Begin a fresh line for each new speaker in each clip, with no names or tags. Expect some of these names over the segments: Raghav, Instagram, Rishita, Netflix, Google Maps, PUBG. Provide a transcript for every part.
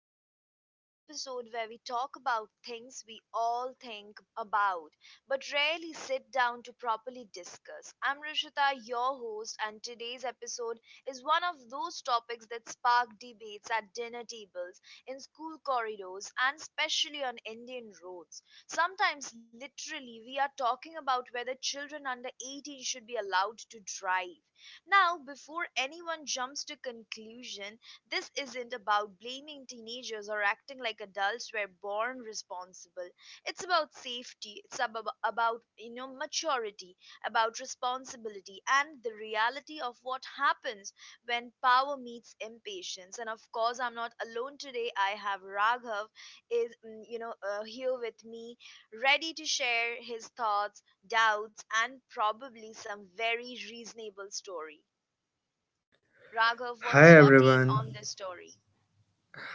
back to another episode where we talk about things we all think about but rarely sit down to properly discuss. I'm Rishita, your host, and today's episode is one of those topics that spark debates at dinner tables, in school corridors, and especially on Indian roads. Sometimes, literally, we are talking about whether children under 18 should be allowed to drive. Now, before anyone jumps to conclusion, this isn't about blaming teenagers or acting like adults were born responsible. It's about safety, it's about maturity, about responsibility and the reality of what happens when power meets impatience. And of course, I'm not alone today. I have Raghav is mm, you know here with me, ready to share his thoughts, doubts and probably some very reasonable story. Raghav, what's your
Hi
take on this
everyone.
story?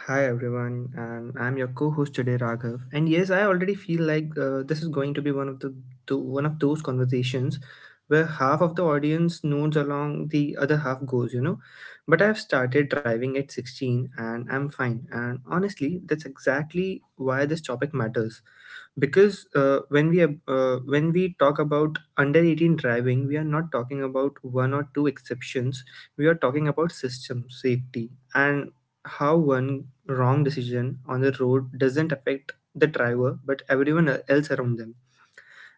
Hi everyone, and I'm your co-host today, Raghav. And yes, I already feel like this is going to be one of the one of those conversations where half of the audience nods along, the other half goes. You know, but I've started driving at 16, and I'm fine. And honestly, that's exactly why this topic matters because when we when we talk about under 18 driving, we are not talking about one or two exceptions, we are talking about system safety and how one wrong decision on the road doesn't affect the driver but everyone else around them.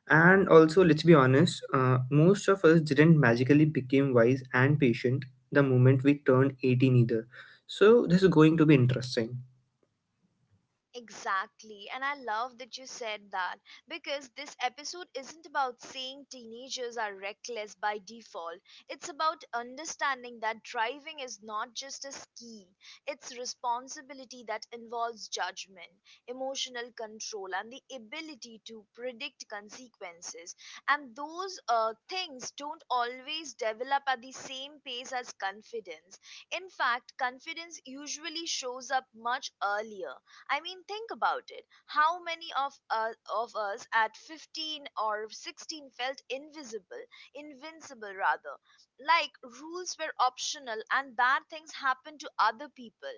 And also, let's be honest, most of us didn't magically become wise and patient the moment we turned 18 either, so this is going to be interesting.
Exactly, and I love that you said that because this episode isn't about saying teenagers are reckless by default. It's about understanding that driving is not just a skill, it's responsibility that involves judgment, emotional control, and the ability to predict consequences. And those things don't always develop at the same pace as confidence. In fact, confidence usually shows up much earlier. I mean, think about it. How many of us at 15 or 16 felt invincible rather, like rules were optional and bad things happened to other people?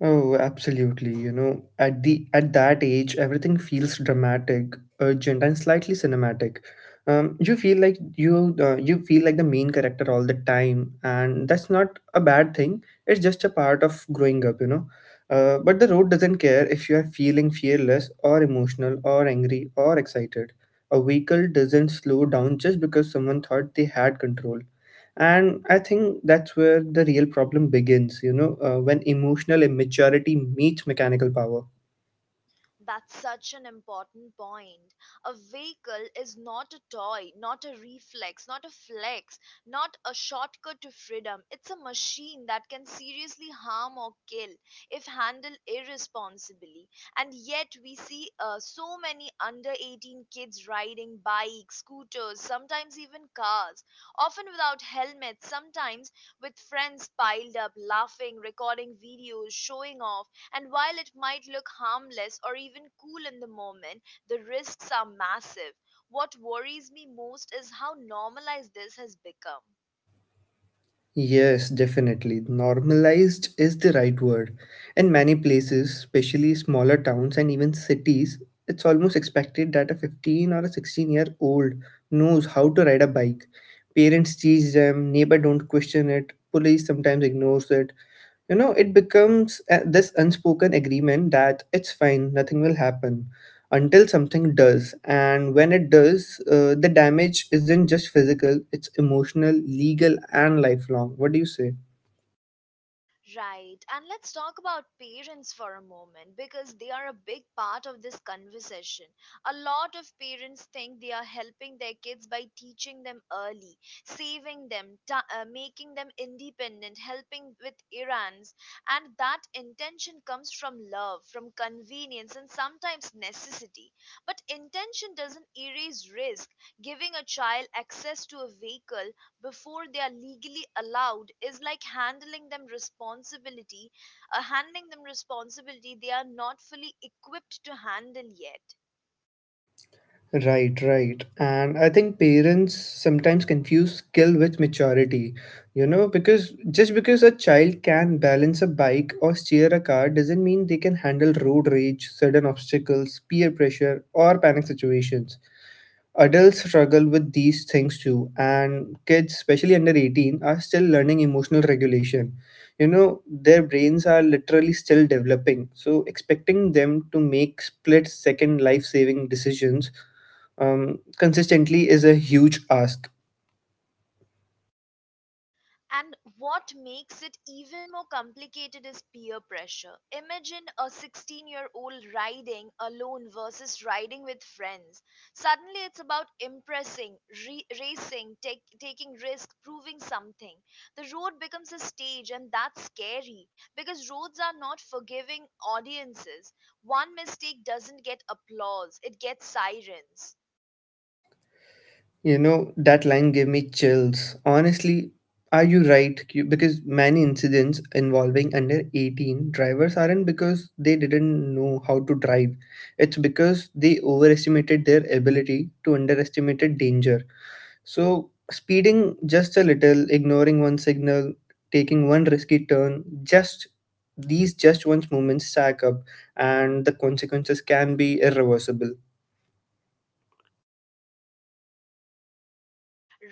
Oh, absolutely. You know, at the at that age, everything feels dramatic, urgent, and slightly cinematic. You feel like you feel like the main character all the time, and that's not a bad thing. It's just a part of growing up, you know. But the road doesn't care if you are feeling fearless or emotional or angry or excited. A vehicle doesn't slow down just because someone thought they had control, and I think that's where the real problem begins, you know, when emotional immaturity meets mechanical power.
That's such an important point. A vehicle is not a toy, not a reflex, not a flex, not a shortcut to freedom. It's a machine that can seriously harm or kill if handled irresponsibly. And yet, we see so many under 18 kids riding bikes, scooters, sometimes even cars, often without helmets, sometimes with friends piled up, laughing, recording videos, showing off. And while it might look harmless or even cool in the moment, the risks are massive. What worries me most is how normalized this has become.
Yes, definitely normalized is the right word. In many places, especially smaller towns and even cities, it's almost expected that a 15 or a 16-year-old knows how to ride a bike. Parents teach them, neighbor don't question it, police sometimes ignores it. You know, it becomes this unspoken agreement that it's fine, nothing will happen, until something does. And when it does, the damage isn't just physical, it's emotional, legal and lifelong. What do you say?
Right. And let's talk about parents for a moment because they are a big part of this conversation. A lot of parents think they are helping their kids by teaching them early, saving them, making them independent, helping with errands. And that intention comes from love, from convenience, and sometimes necessity. But intention doesn't erase risk. Giving a child access to a vehicle before they are legally allowed is like handling them responsibility they are not fully equipped to handle yet.
Right, right. And I think parents sometimes confuse skill with maturity, you know, because just because a child can balance a bike or steer a car doesn't mean they can handle road rage, sudden obstacles, peer pressure, or panic situations. Adults struggle with these things too, and kids, especially under 18, are still learning emotional regulation. You know, their brains are literally still developing, so expecting them to make split second life saving decisions consistently is a huge ask.
And what makes it even more complicated is peer pressure. Imagine a 16-year-old riding alone versus riding with friends. Suddenly, it's about impressing, re- racing, take, taking risks, proving something. The road becomes a stage, and that's scary because roads are not forgiving audiences. One mistake doesn't get applause, it gets sirens.
You know, that line gave me chills. Honestly, are you right? Because many incidents involving under 18 drivers aren't because they didn't know how to drive. It's because they overestimated their ability to underestimated danger. So, speeding just a little, ignoring one signal, taking one risky turn, just these just once moments stack up, and the consequences can be irreversible.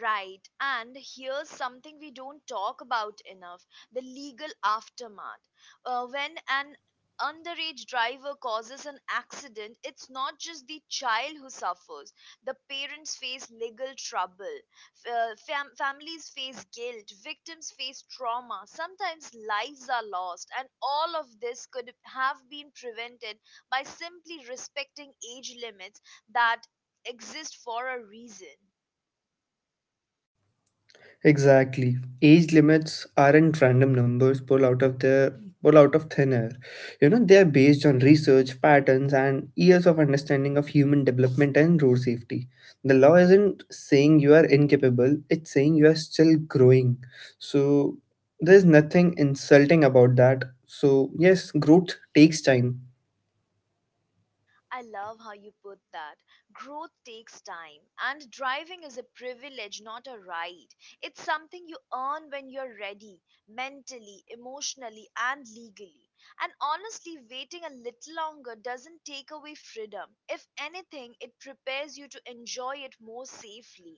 Right, and here's something we don't talk about enough: the legal aftermath. When an underage driver causes an accident, it's not just the child who suffers, the parents face legal trouble, families face guilt, victims face trauma, sometimes lives are lost, and all of this could have been prevented by simply respecting age limits that exist for a reason.
Exactly. Age limits aren't random numbers pulled out of thin air. You know, they are based on research, patterns, and years of understanding of human development and road safety. The law isn't saying you are incapable, it's saying you are still growing. So there's nothing insulting about that. So yes, growth takes time.
I love how you put that. Growth takes time, and driving is a privilege, not a right. It's something you earn when you're ready, mentally, emotionally, and legally. And honestly, waiting a little longer doesn't take away freedom. If anything, it prepares you to enjoy it more safely.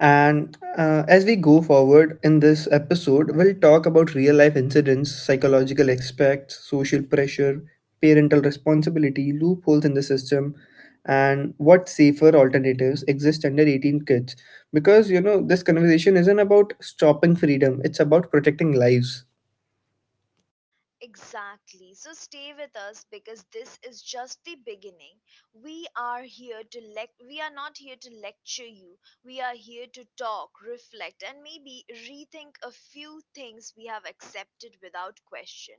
And as we go forward in this episode, we'll talk about real life incidents, psychological aspects, social pressure, parental responsibility, loopholes in the system, and what safer alternatives exist under 18 kids. Because, you know, this conversation isn't about stopping freedom, it's about protecting lives.
Exactly. So stay with us because this is just the beginning. We are not here to lecture you. We are here to talk, reflect and maybe rethink a few things we have accepted without question.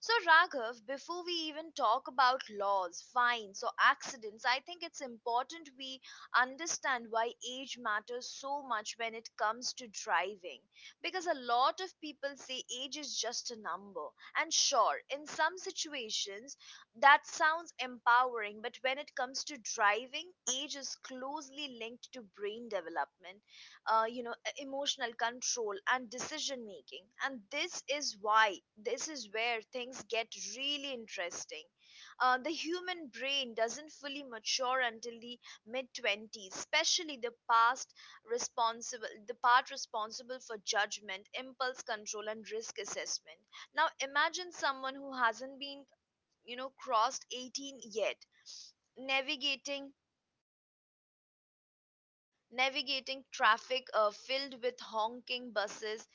So Raghav, before we even talk about laws, fines or accidents, I think it's important we understand why age matters so much when it comes to driving because a lot of people say age is just a number. And sure, in some situations that sounds empowering, but when it comes to driving, age is closely linked to brain development, emotional control and decision making. And this is where things get really interesting. The human brain doesn't fully mature until the mid 20s, especially the part responsible for judgment, impulse control and risk assessment. Now imagine someone who hasn't been crossed 18 yet, navigating navigating traffic filled with honking buses,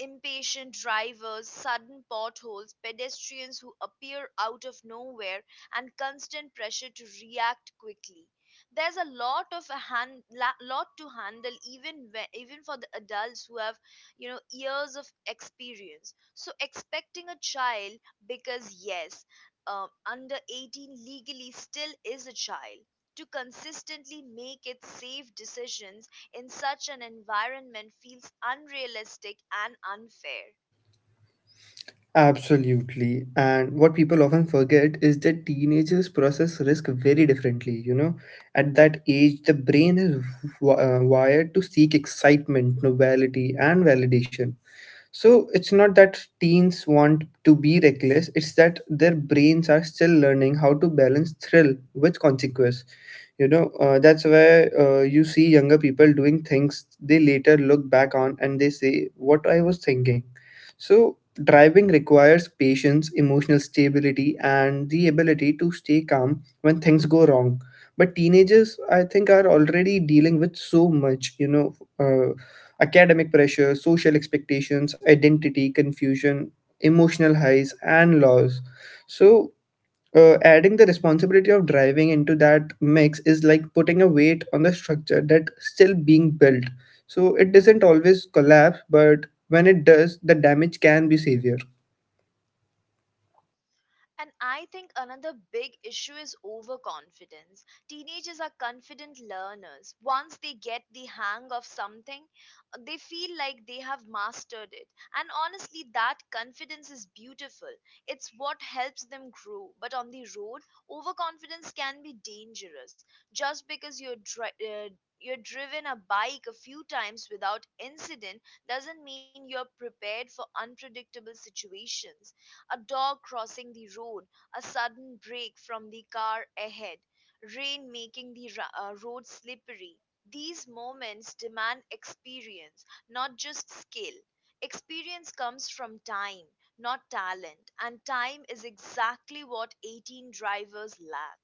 impatient drivers, sudden potholes, pedestrians who appear out of nowhere, and constant pressure to react quickly. There's a lot of a hand, la- lot to handle, even even for the adults who have years of experience. So expecting a child, because yes, under 18 legally still is a child, to consistently make its safe decisions in such an environment feels unrealistic and unfair.
Absolutely. And what people often forget is that teenagers process risk very differently. You know, at that age, the brain is wired to seek excitement, novelty, and validation. So it's not that teens want to be reckless, it's that their brains are still learning how to balance thrill with consequence, you know. That's why you see younger people doing things they later look back on and they say, what I was thinking. So driving requires patience, emotional stability and the ability to stay calm when things go wrong, but teenagers, I think, are already dealing with so much, you know, uh, academic pressure, social expectations, identity confusion, emotional highs and lows. So adding the responsibility of driving into that mix is like putting a weight on the structure that's still being built. So it doesn't always collapse, but when it does, the damage can be severe.
And I think another big issue is overconfidence. Teenagers are confident learners. Once they get the hang of something, they feel like they have mastered it. And honestly, that confidence is beautiful. It's what helps them grow. But on the road, overconfidence can be dangerous. Just because you're driven a bike a few times without incident doesn't mean you're prepared for unpredictable situations: a dog crossing the road, a sudden break from the car ahead, rain making the road slippery. These moments demand experience, not just skill. Experience comes from time, not talent, and time is exactly what 18 drivers lack.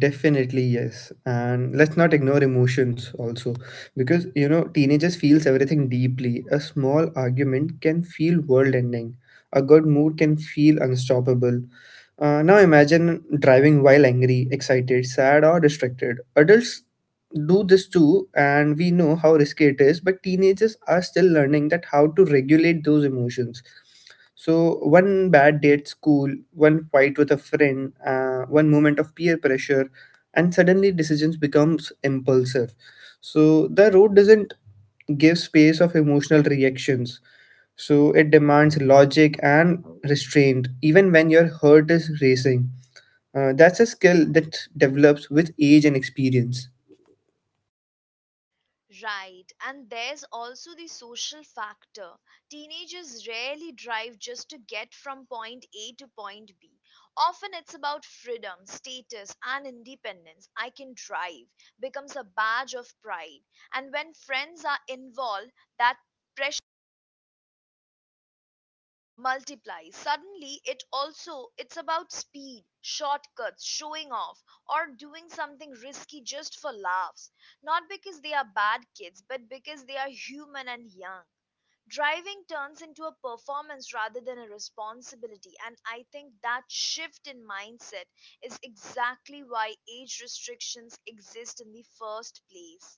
Definitely, yes. And let's not ignore emotions also, because you know, teenagers feels everything deeply. A small argument can feel world-ending. A good mood can feel unstoppable. Now imagine driving while angry, excited, sad, or distracted. Adults do this too, and we know how risky it is, but teenagers are still learning that how to regulate those emotions. So, one bad day at school, one fight with a friend, one moment of peer pressure, and suddenly decisions becomes impulsive. So, the road doesn't give space of emotional reactions. So, it demands logic and restraint, even when your heart is racing. That's a skill that develops with age and experience.
Right, and there's also the social factor. Teenagers rarely drive just to get from point A to point B. Often it's about freedom, status, and independence. I can drive becomes a badge of pride. And when friends are involved, that pressure multiply. Suddenly it's about speed, shortcuts, showing off or doing something risky just for laughs, not because they are bad kids but because they are human and young. Driving turns into a performance rather than a responsibility, and I think that shift in mindset is exactly why age restrictions exist in the first place.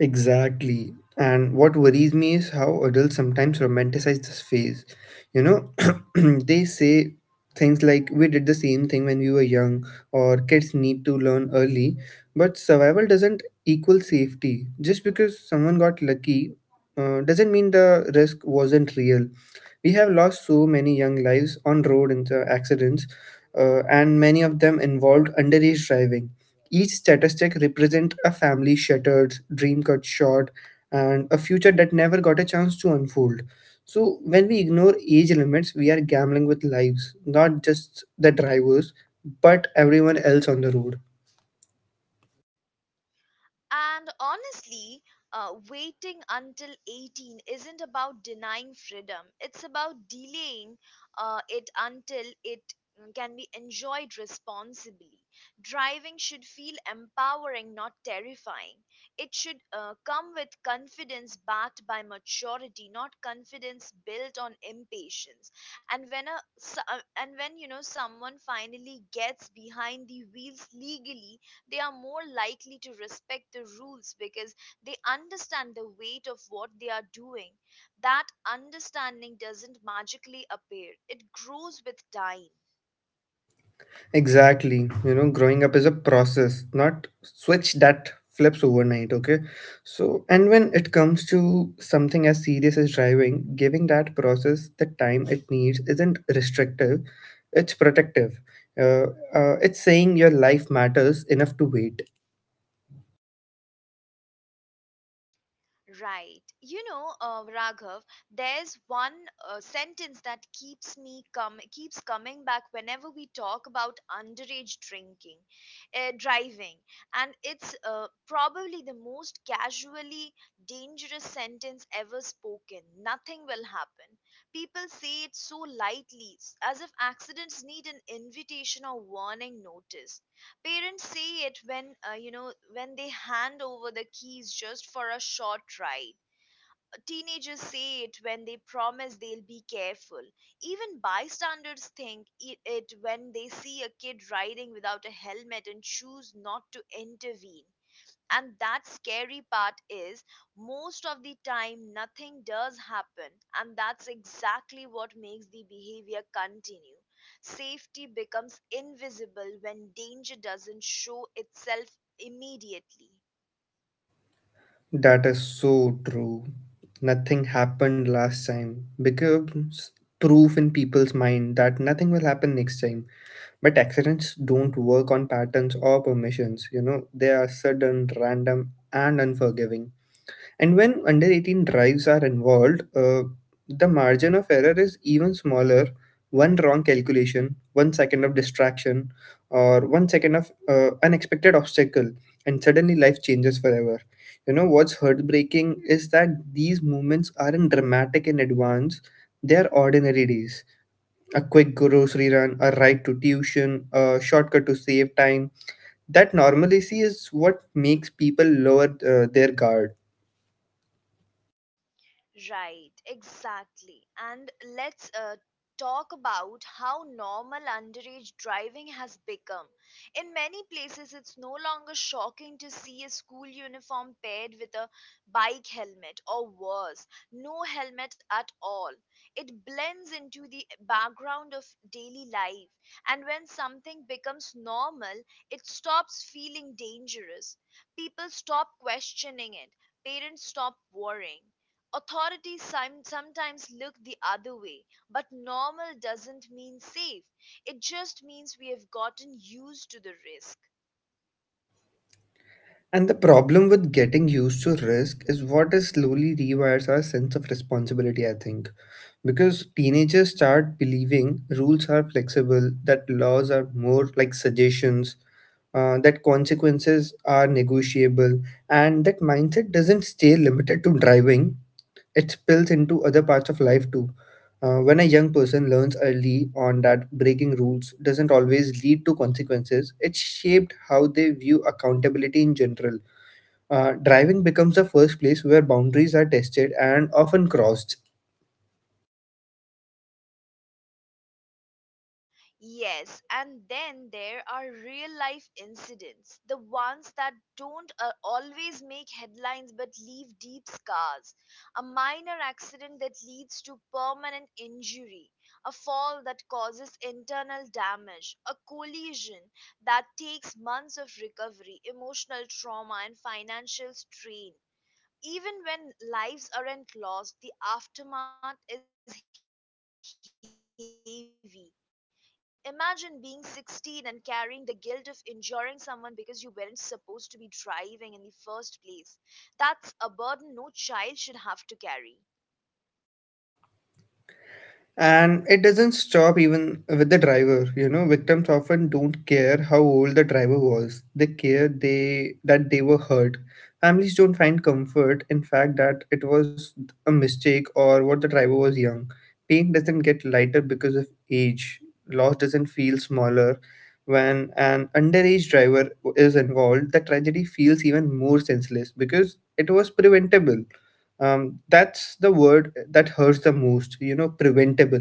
Exactly. And what worries me is how adults sometimes romanticize this phase. You know, they say things like, we did the same thing when we were young, or kids need to learn early. But survival doesn't equal safety. Just because someone got lucky doesn't mean the risk wasn't real. We have lost so many young lives on road in the accidents, and many of them involved underage driving. Each statistic represents a family shattered, dream cut short, and a future that never got a chance to unfold. So, when we ignore age limits, we are gambling with lives, not just the drivers, but everyone else on the road.
And honestly, waiting until 18 isn't about denying freedom, it's about delaying it until it can be enjoyed responsibly. Driving should feel empowering, not terrifying. It should come with confidence backed by maturity, not confidence built on impatience. And when someone finally gets behind the wheels legally, they are more likely to respect the rules because they understand the weight of what they are doing. That understanding doesn't magically appear, it grows with time.
Exactly. You know, growing up is a process, not switch that flips overnight, okay? So, and when it comes to something as serious as driving, giving that process the time it needs isn't restrictive, it's protective. Uh, it's saying your life matters enough to wait.
Right. You know, Raghav, there's one sentence that keeps me come keeps coming back whenever we talk about underage driving, and it's probably the most casually dangerous sentence ever spoken. Nothing will happen. People say it so lightly, as if accidents need an invitation or warning notice. Parents see it when when they hand over the keys just for a short ride. Teenagers say it when they promise they'll be careful. Even bystanders think it when they see a kid riding without a helmet and choose not to intervene. And that scary part is, most of the time nothing does happen, and that's exactly what makes the behavior continue. Safety becomes invisible when danger doesn't show itself immediately.
That is so true. Nothing happened last time becomes proof in people's mind that nothing will happen next time. But accidents don't work on patterns or permissions, you know, they are sudden, random, and unforgiving. And when under 18 drives are involved, the margin of error is even smaller. One wrong calculation, 1 second of distraction, or 1 second of unexpected obstacle, and suddenly life changes forever. You know, what's heartbreaking is that these moments aren't dramatic in advance, they are ordinary days, a quick grocery run, a ride to tuition, a shortcut to save time. That normalcy is what makes people lower their guard.
Right, exactly. And let's talk about how normal underage driving has become. In many places, it's no longer shocking to see a school uniform paired with a bike helmet, or worse, no helmet at all. It blends into the background of daily life, and when something becomes normal, it stops feeling dangerous. People stop questioning it, parents stop worrying. Sometimes look the other way, but normal doesn't mean safe. It just means we have gotten used to the risk.
And the problem with getting used to risk is what is slowly rewires our sense of responsibility, I think. Because teenagers start believing rules are flexible, that laws are more like suggestions, that consequences are negotiable, and that mindset doesn't stay limited to driving, it spills into other parts of life too. When a young person learns early on that breaking rules doesn't always lead to consequences, it shaped how they view accountability in general. Driving becomes the first place where boundaries are tested and often crossed.
Yes, and then there are real life incidents, the ones that don't always make headlines but leave deep scars. A minor accident that leads to permanent injury, a fall that causes internal damage, a collision that takes months of recovery, emotional trauma, and financial strain. Even when lives aren't lost, the aftermath is heavy. Imagine being 16 and carrying the guilt of injuring someone because you weren't supposed to be driving in the first place. That's a burden no child should have to carry.
And it doesn't stop even with the driver, you know, victims often don't care how old the driver was, they care they that they were hurt. Families don't find comfort in fact that it was a mistake or what the driver was young. Pain doesn't get lighter because of age, loss doesn't feel smaller. When an underage driver is involved, the tragedy feels even more senseless because it was preventable. That's the word that hurts the most, you know, preventable.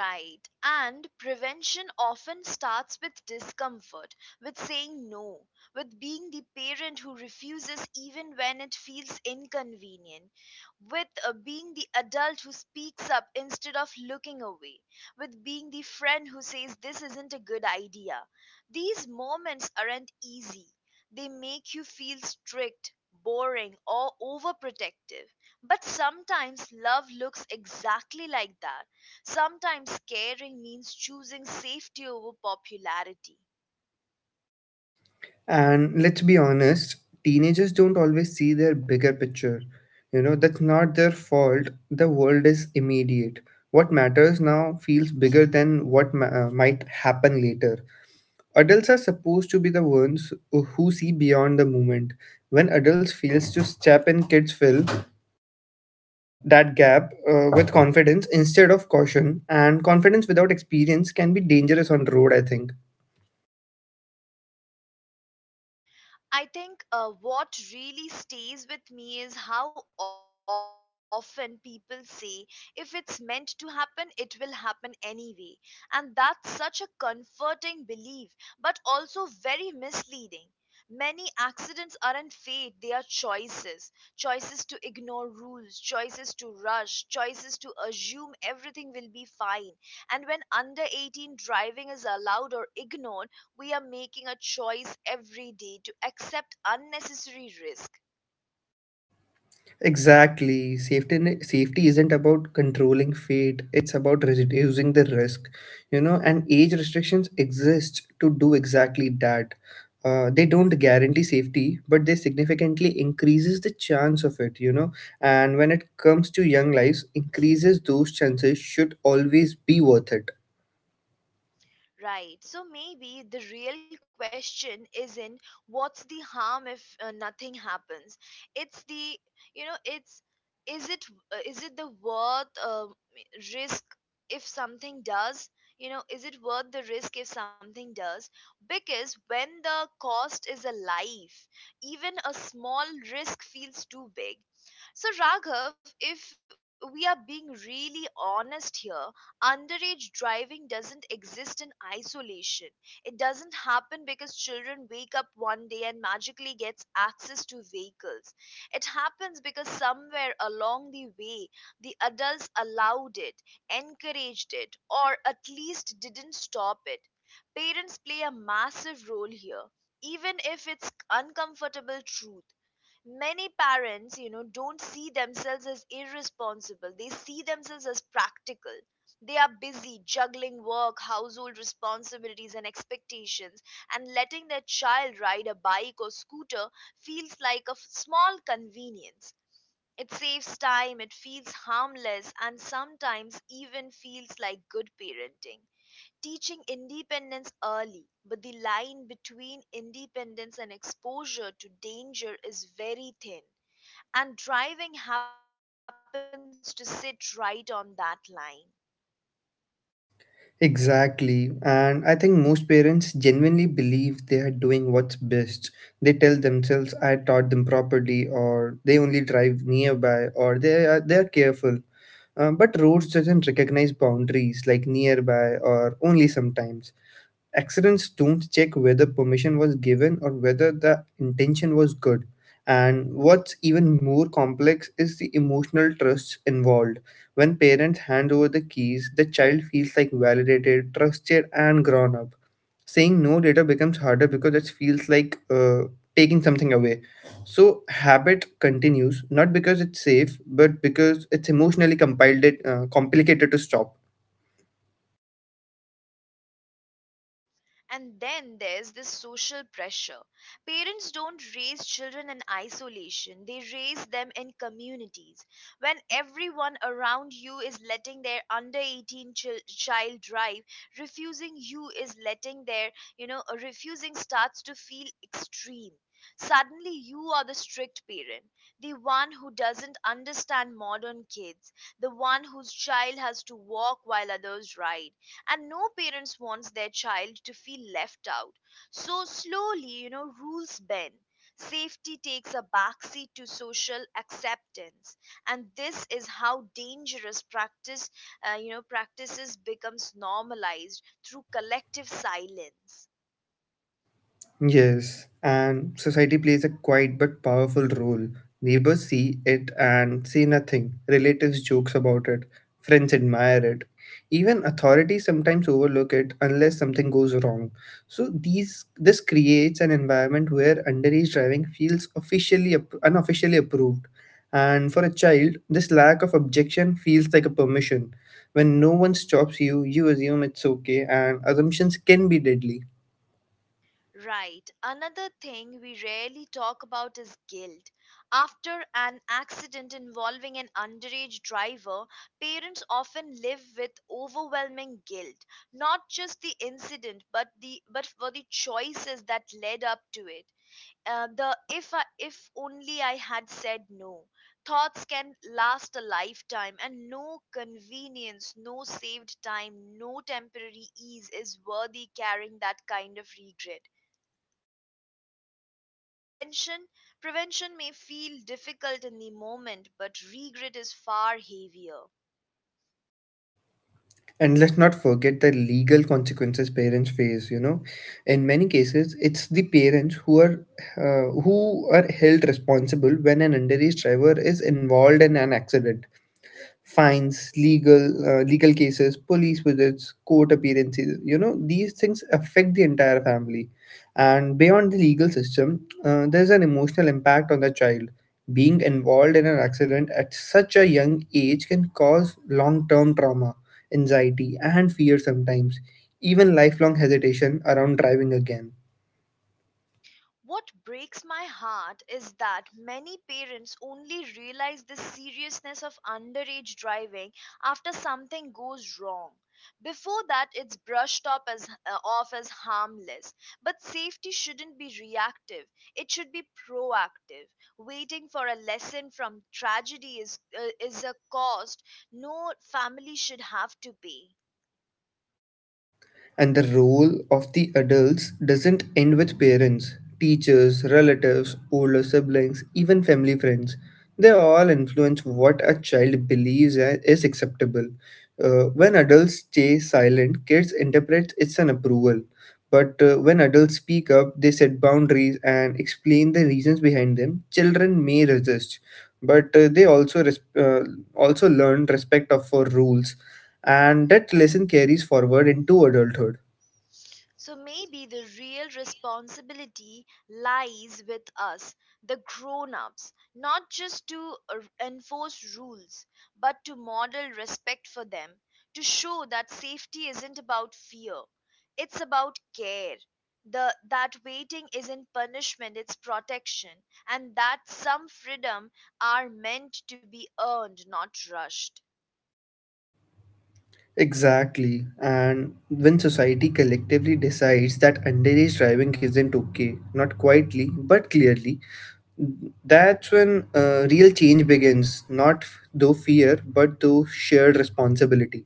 Right. And prevention often starts with discomfort, with saying no, with being the parent who refuses even when it feels inconvenient, with being the adult who speaks up instead of looking away, with being the friend who says this isn't a good idea. These moments aren't easy. They make you feel strict, boring, or overprotective. But sometimes love looks exactly like that. Sometimes caring means choosing safety over popularity.
And let's be honest, teenagers don't always see their bigger picture. You know, that's not their fault, the world is immediate. What matters now feels bigger than might happen later. Adults are supposed to be the ones who see beyond the moment. When adults fails to step in, kids fill that gap with confidence instead of caution, and confidence without experience can be dangerous on the road, I think.
I think what really stays with me is how often people say, if it's meant to happen, it will happen anyway. And that's such a comforting belief, but also very misleading. Many accidents aren't fate, they are choices. Choices to ignore rules, choices to rush, choices to assume everything will be fine. And when under 18 driving is allowed or ignored, we are making a choice every day to accept unnecessary risk.
Exactly. Safety isn't about controlling fate, it's about reducing the risk. You know, and age restrictions exist to do exactly that. They don't guarantee safety, but they significantly increases the chance of it, you know. And when it comes to young lives, increases those chances should always be worth it.
Right, so maybe the real question isn't what's the harm if nothing happens, it's the, you know, it's is it is it the worth risk if something does, you know, is it worth the risk if something does? Because when the cost is a life, even a small risk feels too big. So, Raghav, if we are being really honest here, underage driving doesn't exist in isolation. It doesn't happen because children wake up one day and magically gets access to vehicles. It happens because somewhere along the way, the adults allowed it, encouraged it, or at least didn't stop it. Parents play a massive role here, even if it's uncomfortable truth. Many parents, you know, don't see themselves as irresponsible, they see themselves as practical. They are busy juggling work, household responsibilities, and expectations, and letting their child ride a bike or scooter feels like a small convenience. It saves time, it feels harmless, and sometimes even feels like good parenting, teaching independence early, but the line between independence and exposure to danger is very thin, and driving happens to sit right on that line.
Exactly. And I think most parents genuinely believe they are doing what's best. They tell themselves I taught them properly, or they only drive nearby, or they are careful. But roads doesn't recognize boundaries like nearby or only sometimes, accidents don't check whether permission was given or whether the intention was good. And what's even more complex is the emotional trust involved. When parents hand over the keys, the child feels like validated, trusted, and grown up. Saying no later becomes harder because it feels like taking something away. So habit continues not because it's safe, but because it's complicated to stop.
And then there's this social pressure. Parents don't raise children in isolation, they raise them in communities. When everyone around you is letting their under 18 child drive, refusing you is letting their, you know, refusing starts to feel extreme. Suddenly, you are the strict parent, the one who doesn't understand modern kids, the one whose child has to walk while others ride, and no parents wants their child to feel left out. So slowly, you know, rules bend, safety takes a backseat to social acceptance, and this is how dangerous practice, you know, practices becomes normalized through collective silence.
Yes, and society plays a quiet but powerful role. Neighbors see it and say nothing. Relatives jokes about it. Friends admire it. Even authorities sometimes overlook it unless something goes wrong. So these this creates an environment where underage driving feels unofficially approved. And for a child, this lack of objection feels like a permission. When no one stops you, you assume it's okay, and assumptions can be deadly.
Right. Another thing we rarely talk about is guilt. After an accident involving an underage driver, parents often live with overwhelming guilt, not just the incident, but the but for the choices that led up to it. The if I, if only I had said no thoughts can last a lifetime, and no convenience, no saved time, no temporary ease is worthy carrying that kind of regret. Prevention Prevention may feel difficult in the moment, but regret is far heavier.
And let's not forget the legal consequences parents face. You know, in many cases, it's the parents who are held responsible when an underage driver is involved in an accident, fines, legal cases, police visits, court appearances. You know, these things affect the entire family. And beyond the legal system, there's an emotional impact on the child. Being involved in an accident at such a young age can cause long-term trauma, anxiety, and fear sometimes, even lifelong hesitation around driving again.
What breaks my heart is that many parents only realize the seriousness of underage driving after something goes wrong. Before that, it's brushed up as, off as harmless. But safety shouldn't be reactive, it should be proactive. Waiting for a lesson from tragedy is a cost no family should have to pay.
And the role of the adults doesn't end with parents, teachers, relatives, older siblings, even family friends. They all influence what a child believes is acceptable. When adults stay silent, kids interpret it's an approval. But when adults speak up, they set boundaries and explain the reasons behind them. Children may resist, but they also learn respect of for rules, and that lesson carries forward into adulthood.
So maybe the real responsibility lies with us, the grown ups, not just to enforce rules, but to model respect for them, to show that safety isn't about fear, it's about care. That waiting isn't punishment, it's protection, and that some freedom are meant to be earned, not rushed.
Exactly, and when society collectively decides that underage driving isn't okay, not quietly but clearly, that's when real change begins. Not through fear, but through shared responsibility.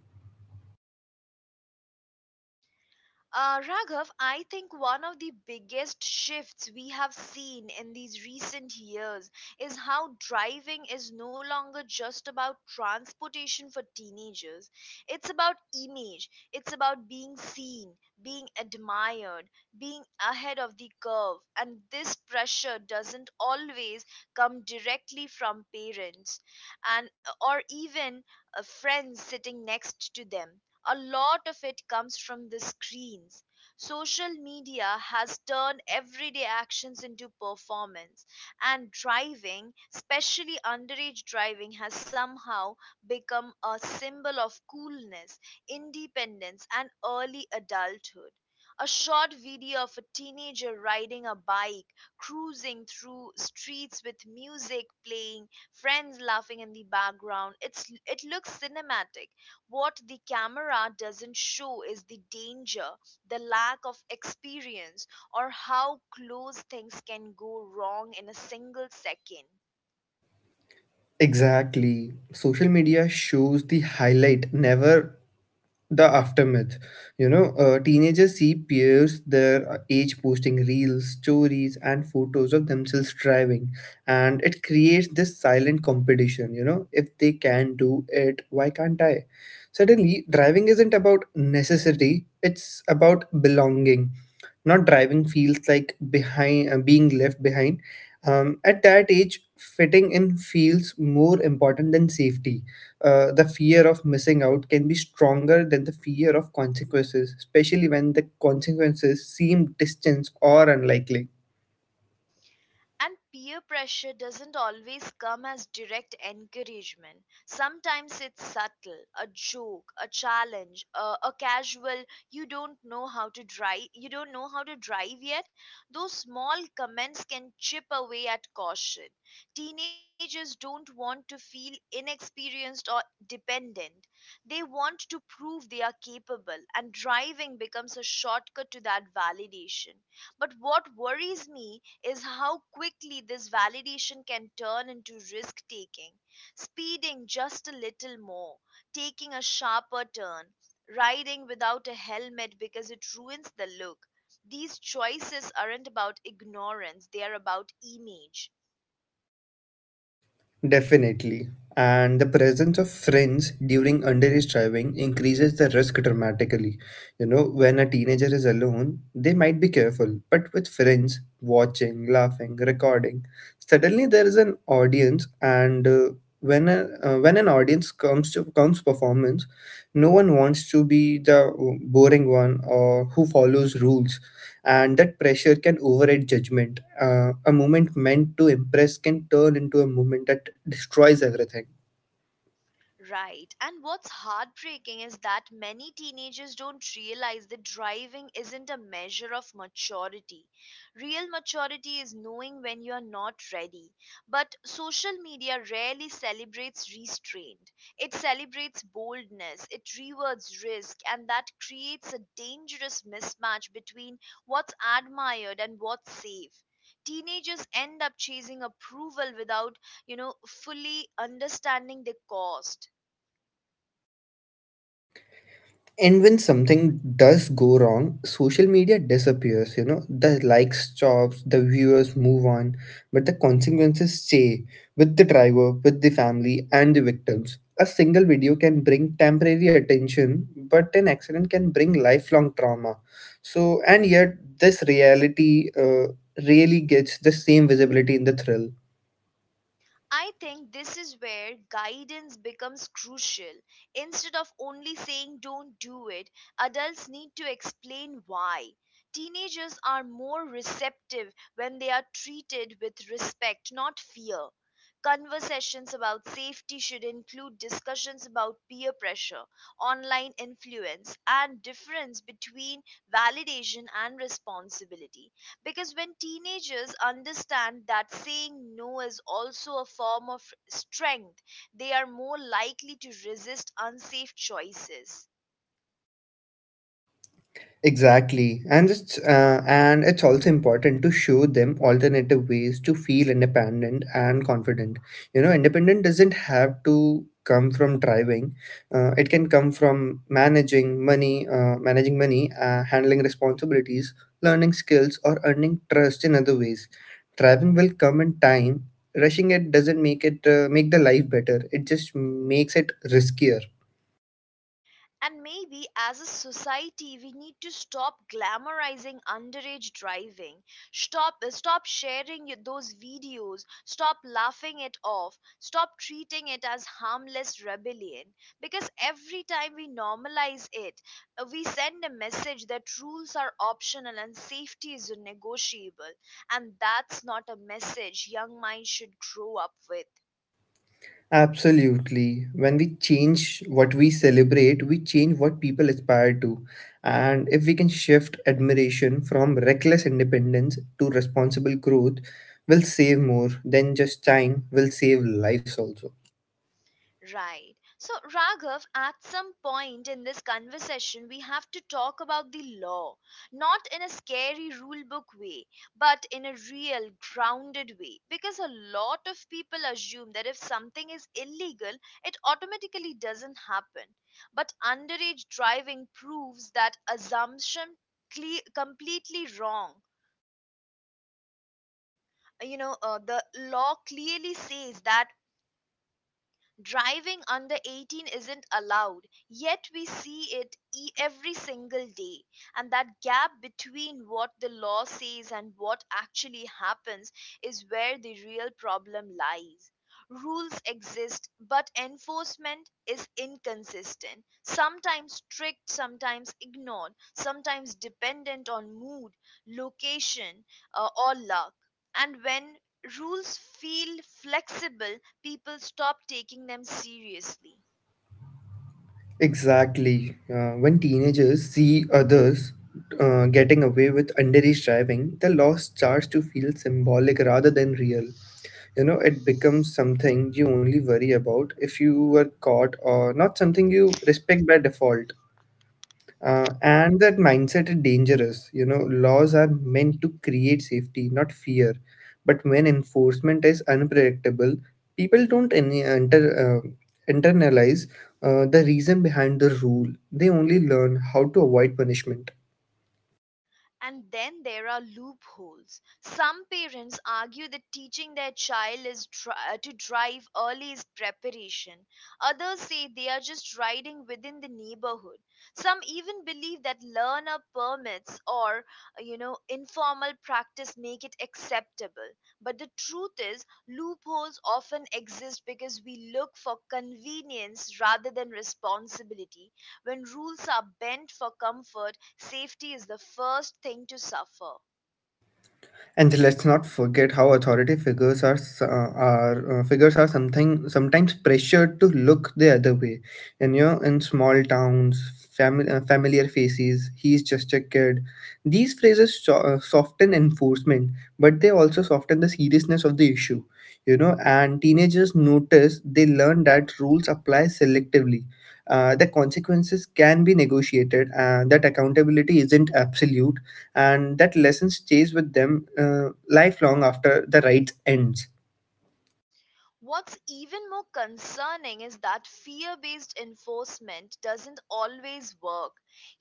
Raghav, I think one of the biggest shifts we have seen in these recent years is how driving is no longer just about transportation for teenagers. It's about image, it's about being seen, being admired, being ahead of the curve, and this pressure doesn't always come directly from parents and or even friends sitting next to them. A lot of it comes from the screens. Social media has turned everyday actions into performance, and driving, especially underage driving, has somehow become a symbol of coolness, independence, and early adulthood. A short video of a teenager riding a bike, cruising through streets with music playing, friends laughing in the background. It looks cinematic. What the camera doesn't show is the danger, the lack of experience, or how close things can go wrong in a single second.
Exactly. Social media shows the highlight, never the aftermath. You know, teenagers see peers their age posting reels, stories, and photos of themselves driving, and it creates this silent competition. You know, if they can do it, why can't I? Suddenly driving isn't about necessity, it's about belonging. Not driving feels like behind being left behind At that age, fitting in feels more important than safety. The fear of missing out can be stronger than the fear of consequences, especially when the consequences seem distant or unlikely.
And peer pressure doesn't always come as direct encouragement. Sometimes it's subtle, a joke, a challenge, a casual you don't know how to drive, you don't know how to drive yet. Those small comments can chip away at caution. Teenagers don't want to feel inexperienced or dependent. They want to prove they are capable, and driving becomes a shortcut to that validation. But what worries me is how quickly this validation can turn into risk taking, speeding just a little more, taking a sharper turn, riding without a helmet because it ruins the look. These choices aren't about ignorance, they are about image.
Definitely. And the presence of friends during underage driving increases the risk dramatically. You know, when a teenager is alone, they might be careful, but with friends watching, laughing, recording, suddenly there is an audience, and when an audience comes to comes performance, no one wants to be the boring one or who follows rules, and that pressure can override judgment. A moment meant to impress can turn into a moment that destroys everything.
Right. And what's heartbreaking is that many teenagers don't realize that driving isn't a measure of maturity. Real maturity is knowing when you're not ready. But social media rarely celebrates restraint, it celebrates boldness, it rewards risk, and that creates a dangerous mismatch between what's admired and what's safe. Teenagers end up chasing approval without, you know, fully understanding the cost.
And when something does go wrong, social media disappears. You know, the likes stops, the viewers move on, but the consequences stay with the driver, with the family, and the victims. A single video can bring temporary attention, but an accident can bring lifelong trauma. So, and yet, this reality really gets the same visibility in the thrill.
I think this is where guidance becomes crucial. Instead of only saying don't do it, adults need to explain why. Teenagers are more receptive when they are treated with respect, not fear. Conversations about safety should include discussions about peer pressure, online influence, and difference between validation and responsibility. Because when teenagers understand that saying no is also a form of strength, they are more likely to resist unsafe choices.
Exactly, and it's also important to show them alternative ways to feel independent and confident. You know, independent doesn't have to come from driving. It can come from managing money, handling responsibilities, learning skills, or earning trust in other ways. Driving will come in time. Rushing it doesn't make the life better. It just makes it riskier.
And maybe as a society, we need to stop glamorizing underage driving, stop sharing those videos, stop laughing it off, stop treating it as harmless rebellion. Because every time we normalize it, we send a message that rules are optional and safety is negotiable, and that's not a message young minds should grow up with.
Absolutely. When we change what we celebrate, we change what people aspire to. And if we can shift admiration from reckless independence to responsible growth, we'll save more than just time, we'll save lives also.
Right. So, Raghav, at some point in this conversation, we have to talk about the law, not in a scary rule book way, but in a real, grounded way. Because a lot of people assume that if something is illegal, it automatically doesn't happen. But underage driving proves that assumption completely wrong. You know, the law clearly says that driving under 18 isn't allowed, yet we see it every single day. And that gap between what the law says and what actually happens is where the real problem lies. Rules exist, but enforcement is inconsistent, sometimes strict, sometimes ignored, sometimes dependent on mood, location, or luck. And when rules feel flexible, people stop taking them seriously.
Exactly. When teenagers see others getting away with underage driving, the laws starts to feel symbolic rather than real. You know, it becomes something you only worry about if you were caught, or not something you respect by default. And that mindset is dangerous. You know, laws are meant to create safety, not fear, but when enforcement is unpredictable, people don't internalize the reason behind the rule, they only learn how to avoid punishment.
And then there are loopholes. Some parents argue that teaching their child to drive early is preparation. Others say they are just riding within the neighborhood. Some even believe that learner permits or, you know, informal practice make it acceptable. But the truth is loopholes often exist because we look for convenience rather than responsibility. When rules are bent for comfort, safety is the first thing to suffer.
And let's not forget how authority figures are s- are figures are something sometimes pressured to look the other way. And you know, in small towns, familiar faces, he's just a kid. These phrases soften enforcement, but they also soften the seriousness of the issue. You know, and teenagers notice they learn that rules apply selectively. The consequences can be negotiated, and that accountability isn't absolute, and that lesson stays with them lifelong after the rights ends.
What's even more concerning is that fear based enforcement doesn't always work.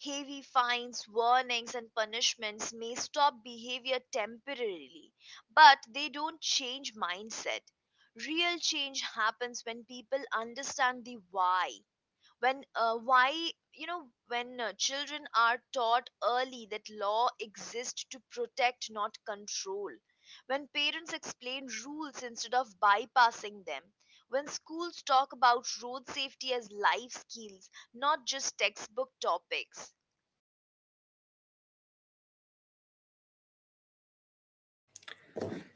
Heavy fines, warnings, and punishments may stop behavior temporarily, but they don't change mindset. Real change happens when people understand the why. When why you know when children are taught early that law exists to protect not control, when parents explain rules instead of bypassing them, when schools talk about road safety as life skills, not just textbook topics.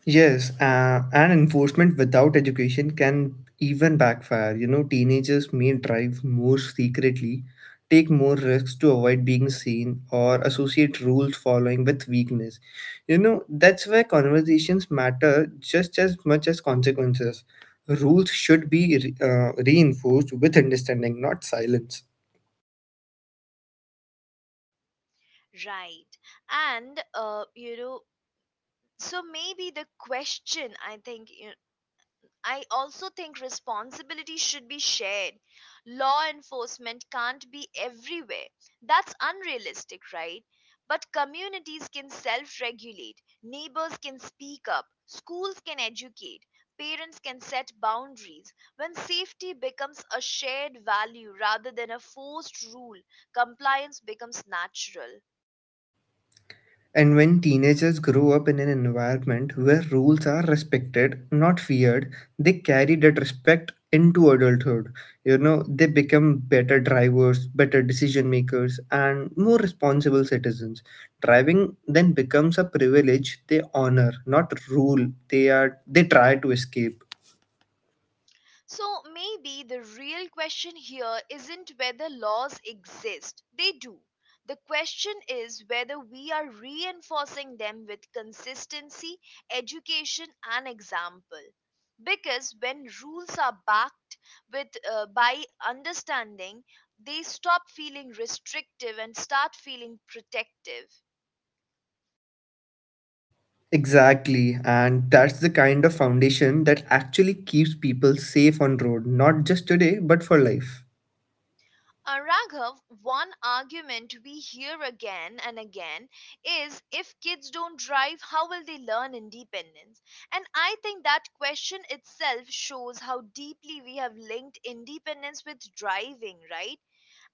Yes, and enforcement without education can even backfire. You know, teenagers may drive more secretly, take more risks to avoid being seen, or associate rules following with weakness. You know, that's where conversations matter just as much as consequences. Rules should be reinforced with understanding, not silence.
Right. And, you know, so maybe the question I think you. I also think responsibility should be shared. Law enforcement can't be everywhere. That's unrealistic, right? But communities can self regulate, neighbors can speak up, schools can educate, parents can set boundaries. When safety becomes a shared value rather than a forced rule, compliance becomes natural.
And when teenagers grow up in an environment where rules are respected, not feared, they carry that respect into adulthood. You know, they become better drivers, better decision makers, and more responsible citizens. Driving then becomes a privilege they honor, not rule they try to escape.
So maybe the real question here isn't whether laws exist, they do. The question is whether we are reinforcing them with consistency, education, and example. Because when rules are backed with by understanding, they stop feeling restrictive and start feeling protective.
Exactly, and that's the kind of foundation that actually keeps people safe on road, not just today, but for life.
Raghav, one argument we hear again and again is if kids don't drive, how will they learn independence? And I think that question itself shows how deeply we have linked independence with driving, right?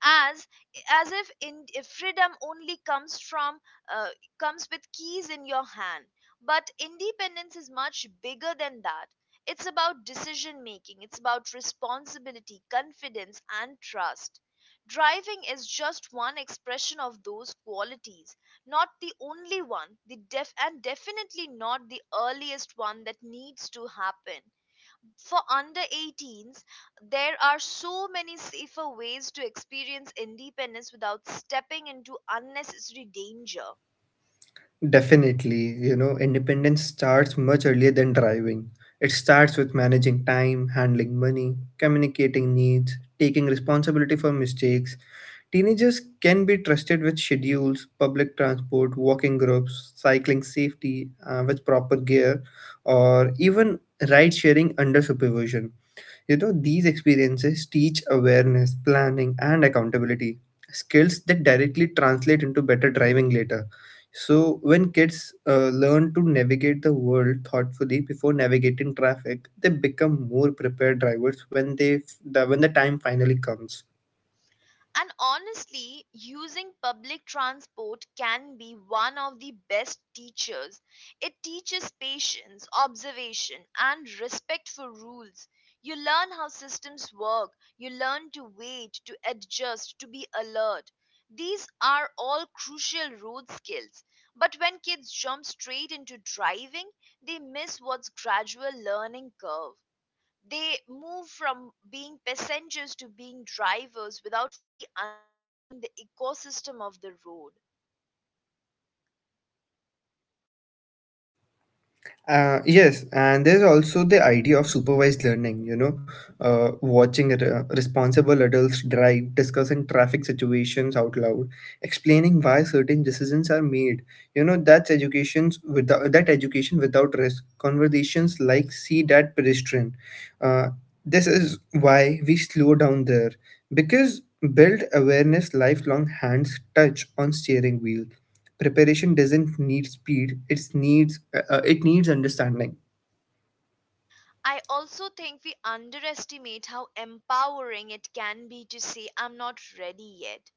as as if freedom only comes from, uh, comes with keys in your hand. But independence is much bigger than that. It's about decision making, it's about responsibility, confidence, and trust. Driving is just one expression of those qualities, not the only one, and definitely not the earliest one that needs to happen. For under 18s, there are so many safer ways to experience independence without stepping into unnecessary danger.
Definitely, you know, independence starts much earlier than driving. It starts with managing time, handling money, communicating needs, taking responsibility for mistakes. Teenagers can be trusted with schedules, public transport, walking groups, cycling safety with proper gear, or even ride sharing under supervision. You know, these experiences teach awareness, planning, and accountability skills that directly translate into better driving later. So, when kids learn to navigate the world thoughtfully before navigating traffic, they become more prepared drivers when the time finally comes.
And honestly, using public transport can be one of the best teachers. It teaches patience, observation, and respect for rules. You learn how systems work, you learn to wait, to adjust, to be alert. These are all crucial road skills. But when kids jump straight into driving, they miss what's gradual learning curve. They move from being passengers to being drivers without fully understanding the ecosystem of the road.
Yes, and there's also the idea of supervised learning, you know, watching responsible adults drive, discussing traffic situations out loud, explaining why certain decisions are made. You know, that's education without risk. Conversations like see that pedestrian. Uh, this is why we slow down there because build awareness lifelong hands touch on steering wheel. Preparation doesn't need speed, it needs understanding.
I also think we underestimate how empowering it can be to say, I'm not ready yet.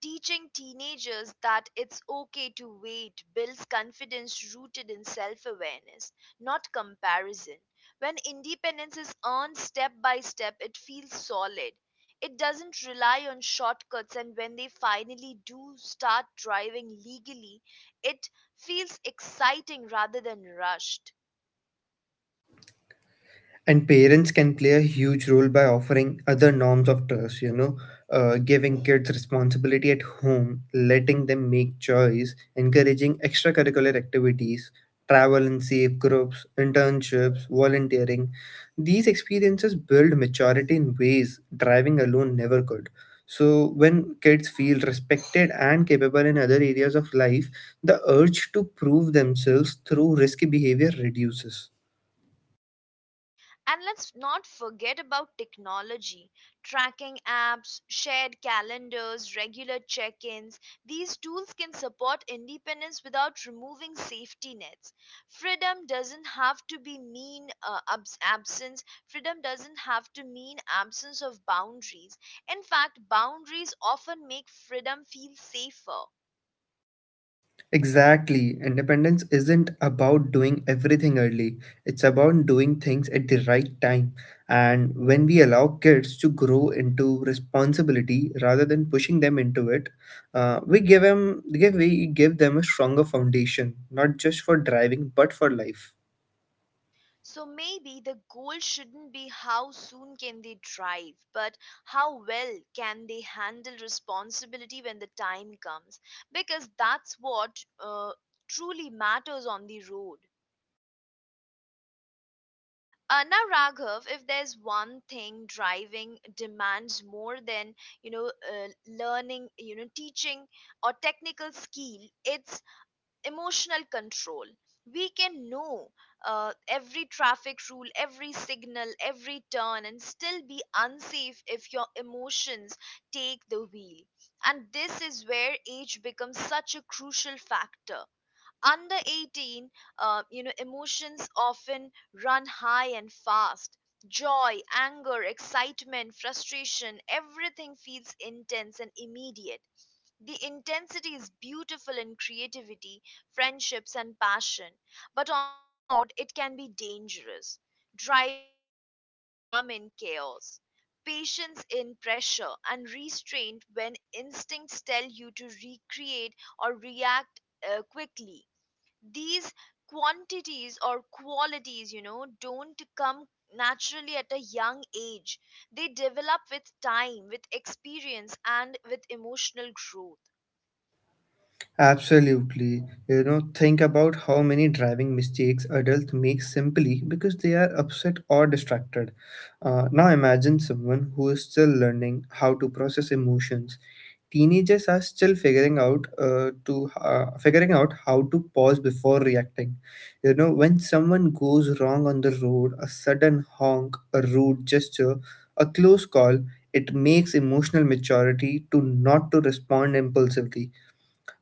Teaching teenagers that it's okay to wait builds confidence rooted in self awareness, not comparison. When independence is earned step by step, it feels solid. It doesn't rely on shortcuts, and when they finally do start driving legally, it feels exciting rather than rushed.
And parents can play a huge role by offering other norms of trust. You know, giving kids responsibility at home, letting them make choice, encouraging extracurricular activities, travel and safe groups, internships, volunteering. These experiences build maturity in ways driving alone never could. So when kids feel respected and capable in other areas of life, the urge to prove themselves through risky behavior reduces.
And let's not forget about technology, tracking apps, shared calendars, regular check ins. These tools can support independence without removing safety nets. Freedom doesn't have to be mean absence. Freedom doesn't have to mean absence of boundaries. In fact, boundaries often make freedom feel safer.
Exactly. Independence isn't about doing everything early. It's about doing things at the right time. And when we allow kids to grow into responsibility rather than pushing them into it, we give them a stronger foundation, not just for driving but for life.
So maybe the goal shouldn't be how soon can they drive, but how well can they handle responsibility when the time comes, because that's what uh, truly matters on the road. Now, Raghav, if there's one thing driving demands more than learning, teaching or technical skill, it's emotional control. We can know every traffic rule, every signal, every turn and still be unsafe if your emotions take the wheel. And this is where age becomes such a crucial factor. Under 18, you know, emotions often run high and fast. Joy, anger, excitement, frustration, everything feels intense and immediate. The intensity is beautiful in creativity, friendships, and passion, but on the road it can be dangerous. Driving requires calm in chaos, patience in pressure, and restraint when instincts tell you to recreate or react quickly. These quantities or qualities, you know, don't come naturally at a young age. They develop with time, with experience, and with emotional growth.
Absolutely. You know, think about how many driving mistakes adults make simply because they are upset or distracted. Now imagine someone who is still learning how to process emotions. Teenagers are still figuring out how to pause before reacting. You know, when someone goes wrong on the road, a sudden honk, a rude gesture, a close call, it makes emotional maturity to not to respond impulsively,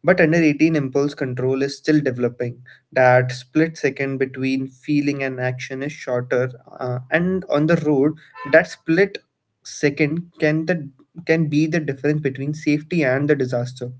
but under 18, impulse control is still developing. That split second between feeling and action is shorter, and on the road, that split second can be the difference between safety and the disaster.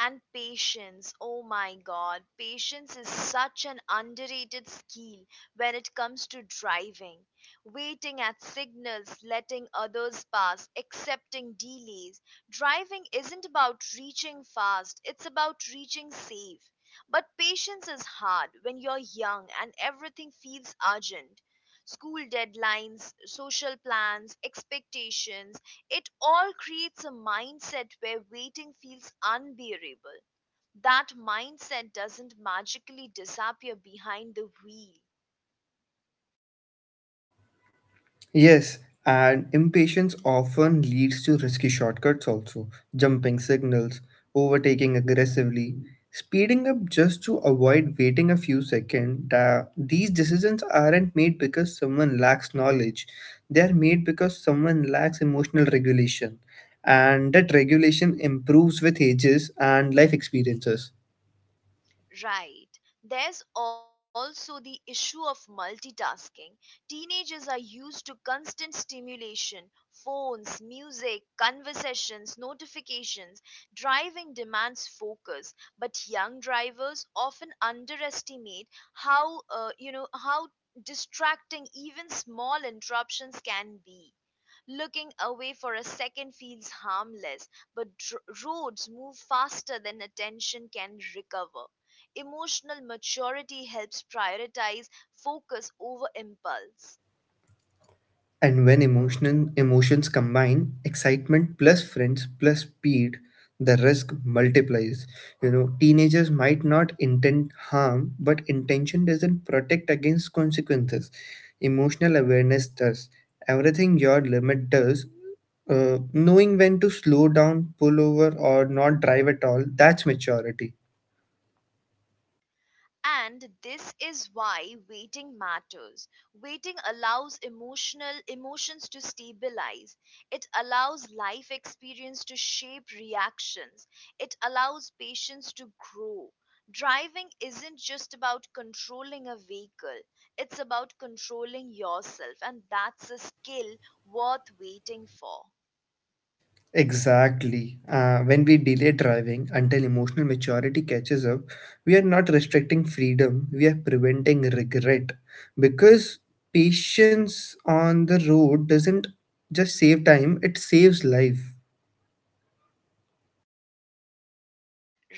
And patience, oh my god, patience is such an underrated skill when it comes to driving. Waiting at signals, letting others pass, accepting delays. Driving isn't about reaching fast, it's about reaching safe. But patience is hard when you're young and everything feels urgent. School deadlines, social plans, expectations, it all creates a mindset where waiting feels unbearable. That mindset doesn't magically disappear behind the wheel.
Yes, and impatience often leads to risky shortcuts also, jumping signals, overtaking aggressively, speeding up just to avoid waiting a few seconds. These decisions aren't made because someone lacks knowledge, they are made because someone lacks emotional regulation, and that regulation improves with ages and life experiences.
Right. There's also the issue of multitasking. Teenagers are used to constant stimulation, phones, music, conversations, notifications. Driving demands focus, but young drivers often underestimate how distracting even small interruptions can be. Looking away for a second feels harmless, but roads move faster than attention can recover. Emotional maturity helps prioritize focus over impulse.
And when emotions combine, excitement plus friends plus speed, the risk multiplies. You know, teenagers might not intend harm, but intention doesn't protect against consequences. Emotional awareness does. Everything your limit does, knowing when to slow down, pull over, or not drive at all, that's maturity.
And this is why waiting matters. Waiting allows emotional emotions to stabilize. It allows life experience to shape reactions. It allows patience to grow. Driving isn't just about controlling a vehicle. It's about controlling yourself, and that's a skill worth waiting for.
Exactly. When we delay driving until emotional maturity catches up, we are not restricting freedom, we are preventing regret. Because patience on the road doesn't just save time, it saves life.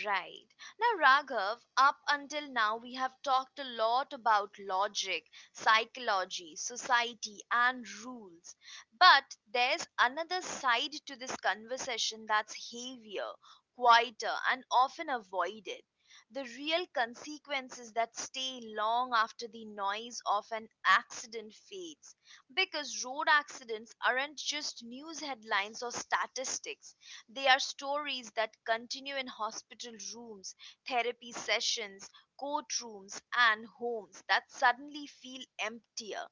Right. Now, Raghav, up until now we have talked a lot about logic, psychology, society, and rules. But there's another side to this conversation that's heavier, quieter, and often avoided. The real consequences that stay long after the noise of an accident fades. Because road accidents aren't just news headlines or statistics, they are stories that continue in hospital rooms, therapy sessions, courtrooms, and homes that suddenly feel emptier.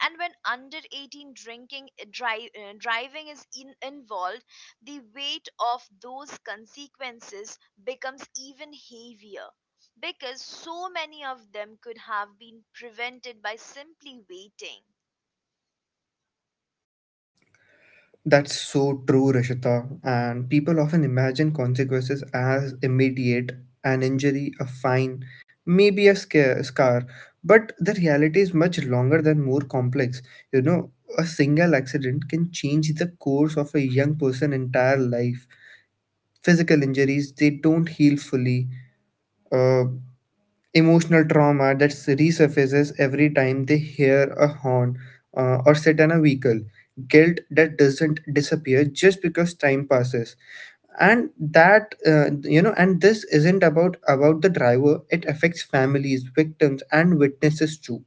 And when under 18 driving is involved, the weight of those consequences becomes even heavier because so many of them could have been prevented by simply waiting.
That's so true, Rishita. And people often imagine consequences as immediate, an injury, a fine, maybe a scar. But the reality is much longer than more complex. You know, a single accident can change the course of a young person's entire life. Physical injuries, they don't heal fully. Uh, Emotional trauma that resurfaces every time they hear a horn or sit in a vehicle, guilt that doesn't disappear just because time passes. And that you know and this isn't about the driver, it affects families, victims, and witnesses too.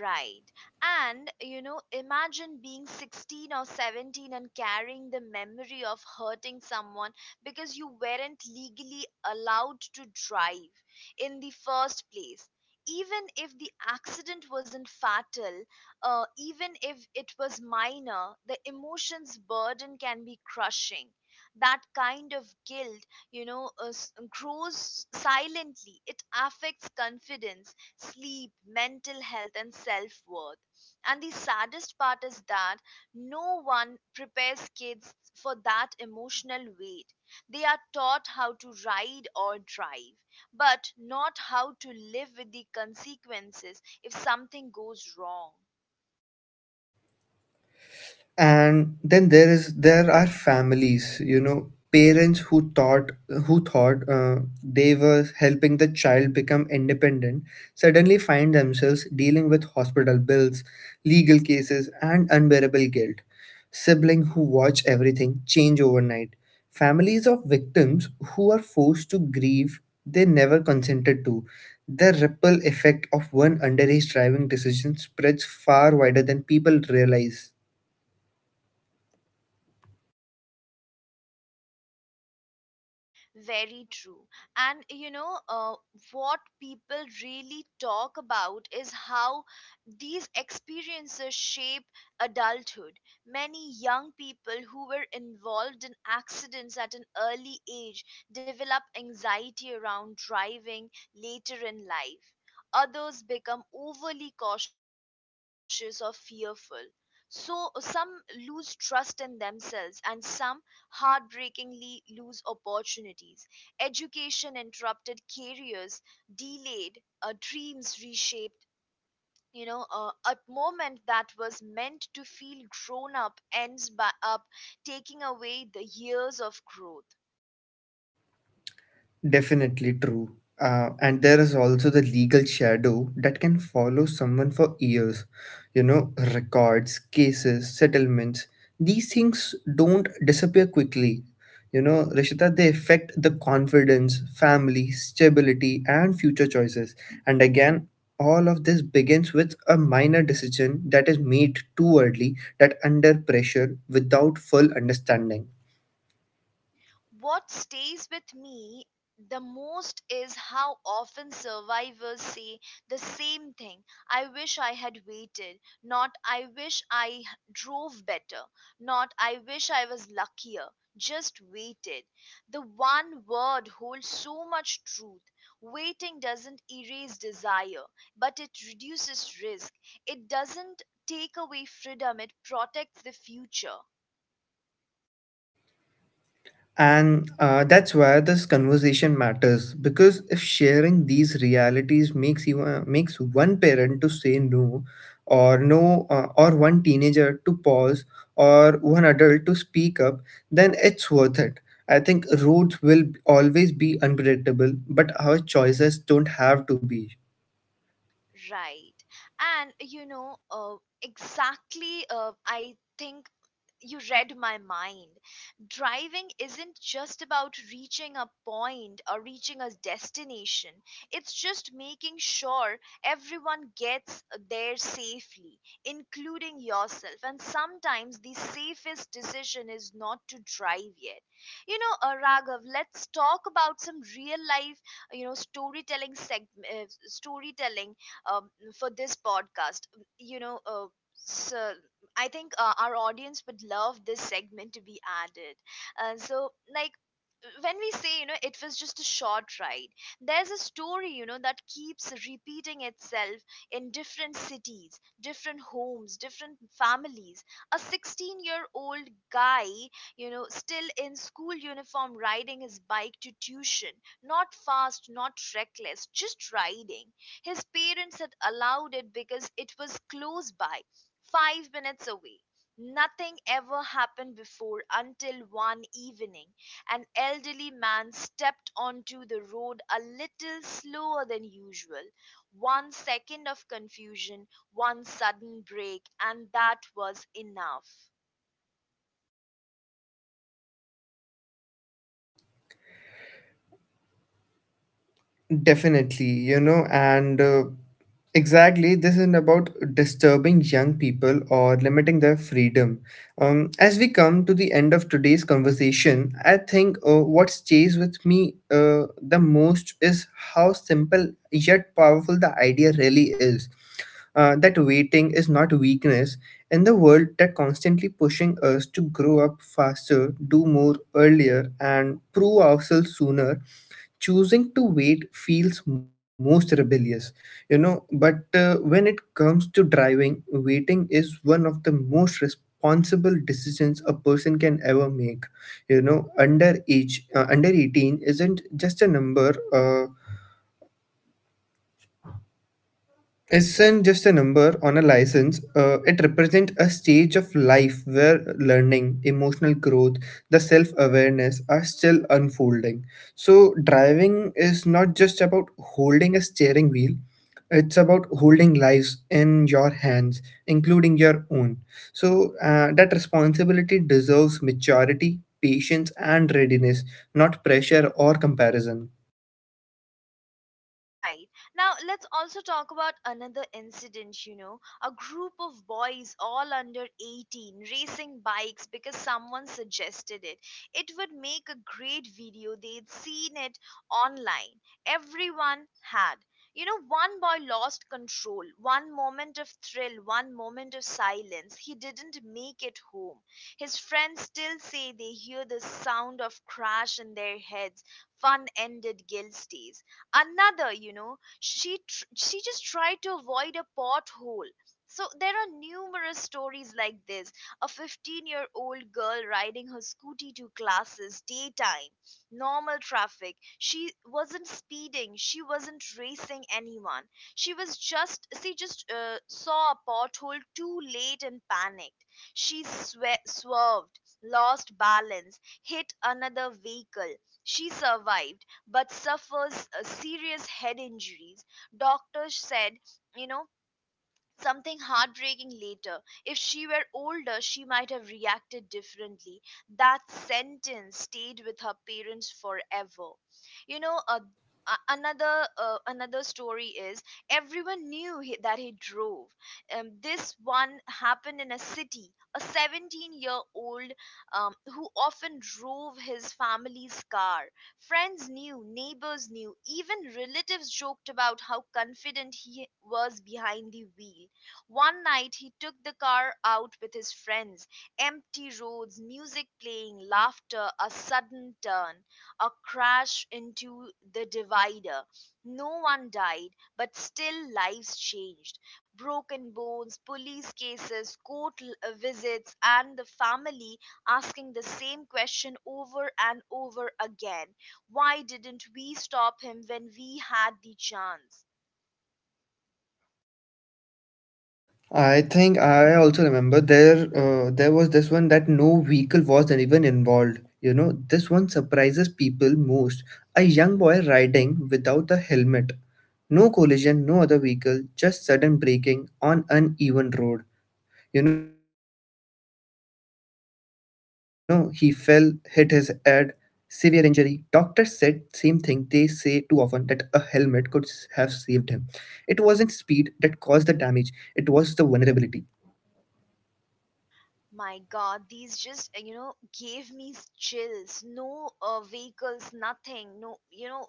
Right. And, you know, imagine being 16 or 17 and carrying the memory of hurting someone because you weren't legally allowed to drive in the first place. Even if the accident wasn't fatal, even if it was minor, the emotions burden can be crushing. That kind of guilt, grows silently. It affects confidence, sleep, mental health, and self worth. And the saddest part is that no one prepares kids for that emotional weight. They are taught how to ride or drive, but not how to live with the consequences if something goes wrong.
And then there are families. You know, parents who thought they were helping the child become independent suddenly find themselves dealing with hospital bills, legal cases, and unbearable guilt. Sibling who watch everything change overnight, families of victims who are forced to grieve they never consented to. The ripple effect of one underage driving decision spreads far wider than people realize.
Very true. And what people really talk about is how these experiences shape adulthood. Many young people who were involved in accidents at an early age develop anxiety around driving later in life. Others become overly cautious or fearful. So some lose trust in themselves, and some heartbreakingly lose opportunities, education interrupted, careers delayed, dreams reshaped. A moment that was meant to feel grown up ends by up taking away the years of growth.
Definitely true. And there is also the legal shadow that can follow someone for years. You know, records, cases, settlements, these things don't disappear quickly. You know, Rishita, they affect the confidence, family, stability, and future choices. And again, all of this begins with a minor decision that is made too early, that under pressure without full understanding.
What stays with me the most is how often survivors say the same thing. I wish I had waited, not I wish I drove better, not I wish I was luckier, just waited. The one word holds so much truth. Waiting doesn't erase desire, but it reduces risk. It doesn't take away freedom, it protects the future.
And that's why this conversation matters, because if sharing these realities makes you makes one parent to say no, or one teenager to pause, or one adult to speak up, then it's worth it. I think roads will always be unpredictable, but our choices don't have to be.
Right. And exactly, I think you read my mind. Driving isn't just about reaching a point or reaching a destination, it's just making sure everyone gets there safely, including yourself. And sometimes the safest decision is not to drive yet. You know, Raghav, let's talk about some real life, you know, storytelling um, for this podcast. You know, uh, so I think our audience would love this segment to be added. So, like, when we say, you know, it was just a short ride, there's a story, you know, that keeps repeating itself in different cities, different homes, different families. A 16-year-old guy, you know, still in school uniform riding his bike to tuition. Not fast, not reckless, just riding. His parents had allowed it because it was close by, 5 minutes away. Nothing ever happened before until one evening an elderly man stepped onto the road a little slower than usual. One second of confusion, one sudden break, and that was enough.
Definitely, you know, and exactly, this isn't about disturbing young people or limiting their freedom. As we come to the end of today's conversation, I think what stays with me the most is how simple yet powerful the idea really is. That waiting is not weakness in the world that constantly pushing us to grow up faster, do more earlier, and prove ourselves sooner. Choosing to wait feels most rebellious. You know, but when it comes to driving, waiting is one of the most responsible decisions a person can ever make. You know, under 18 isn't just a number, isn't just a number on a license. It represents a stage of life where learning, emotional growth, the self awareness are still unfolding. So, driving is not just about holding a steering wheel, it's about holding lives in your hands, including your own. So, that responsibility deserves maturity, patience, and readiness, not pressure or comparison.
Right. Now, let's also talk about another incident, you know. A group of boys, all under 18, racing bikes because someone suggested it. It would make a great video. They'd seen it online. Everyone had. You know, one boy lost control. One moment of thrill, one moment of silence. He didn't make it home. His friends still say they hear the sound of crash in their heads. Fun ended, guilt stays. Another, you know, she just tried to avoid a pothole. So there are numerous stories like this. A 15-year-old girl riding her scooty to classes, daytime, normal traffic. She wasn't speeding, she wasn't racing anyone. She just saw a pothole too late and panicked. Swerved, lost balance, hit another vehicle. She survived but suffers serious head injuries. Doctors said, you know, something heartbreaking later. If she were older, she might have reacted differently. That sentence stayed with her parents forever. You know, another story is everyone knew that he drove. This one happened in a city. A 17-year-old who often drove his family's car. Friends knew, neighbors knew, even relatives joked about how confident he was behind the wheel. One night he took the car out with his friends. Empty roads, music playing, laughter, a sudden turn, a crash into the divider. No one died, but still lives changed. Broken bones, police cases, court visits, and the family asking the same question over and over again, why didn't we stop him when we had the chance?
I think I also remember there was this one that no vehicle was even involved. You know, this one surprises people most. A young
Hmm.
boy riding without a helmet. No collision, no other vehicle, just sudden braking on uneven road. You know, he fell, hit his head, severe injury. Doctors said same thing they say too often, that a helmet could have saved him. It wasn't speed that caused the damage, it was the vulnerability.
My God, these just gave me chills. No vehicles, nothing. No, you know,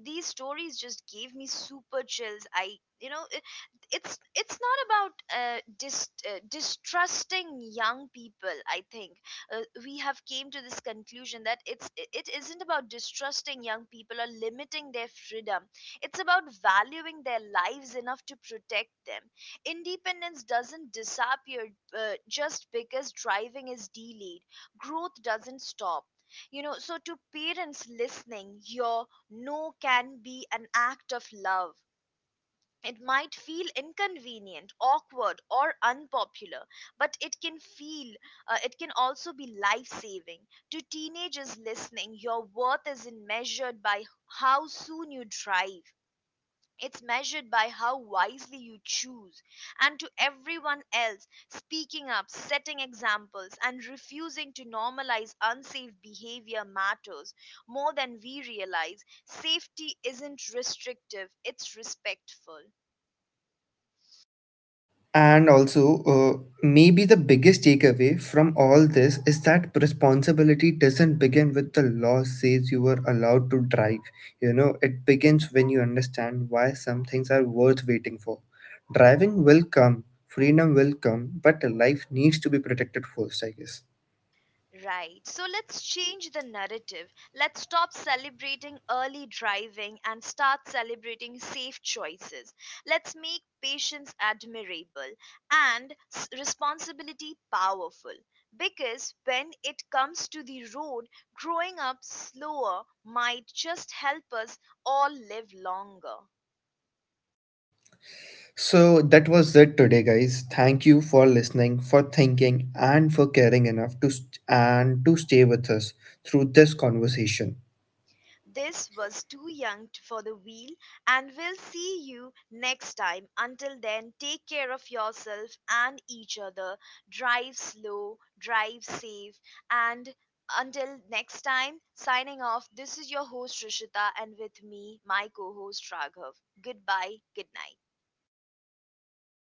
these stories just gave me super chills. I, you know, it's not about distrusting young people. I think we have came to this conclusion that it isn't about distrusting young people or limiting their freedom. It's about valuing their lives enough to protect them. Independence doesn't disappear just because driving is delayed. Growth doesn't stop. You know, so to parents listening, your no can be an act of love. It might feel inconvenient, awkward, or unpopular, but it can also be life-saving. To teenagers listening, your worth isn't measured by how soon you drive. It's measured by how wisely you choose. And to everyone else, speaking up, setting examples, and refusing to normalize unsafe behavior matters more than we realize. Safety isn't restrictive, it's respectful.
And also, maybe the biggest takeaway from all this is that responsibility doesn't begin with the law says you are allowed to drive. You know, it begins when you understand why some things are worth waiting for. Driving will come, freedom will come, but life needs to be protected first, I guess.
Right. So let's change the narrative. Let's stop celebrating early driving and start celebrating safe choices. Let's make patience admirable and responsibility powerful. Because when it comes to the road, growing up slower might just help us all live longer.
So that was it today, guys. Thank you for listening, for thinking, and for caring enough and to stay with us through this conversation.
This was Too Young for the Wheel, and we'll see you next time. Until then, take care of yourself and each other. Drive slow, drive safe, and until next time, signing off. This is your host Rishita, and with me, my co-host Raghav. Goodbye, good night.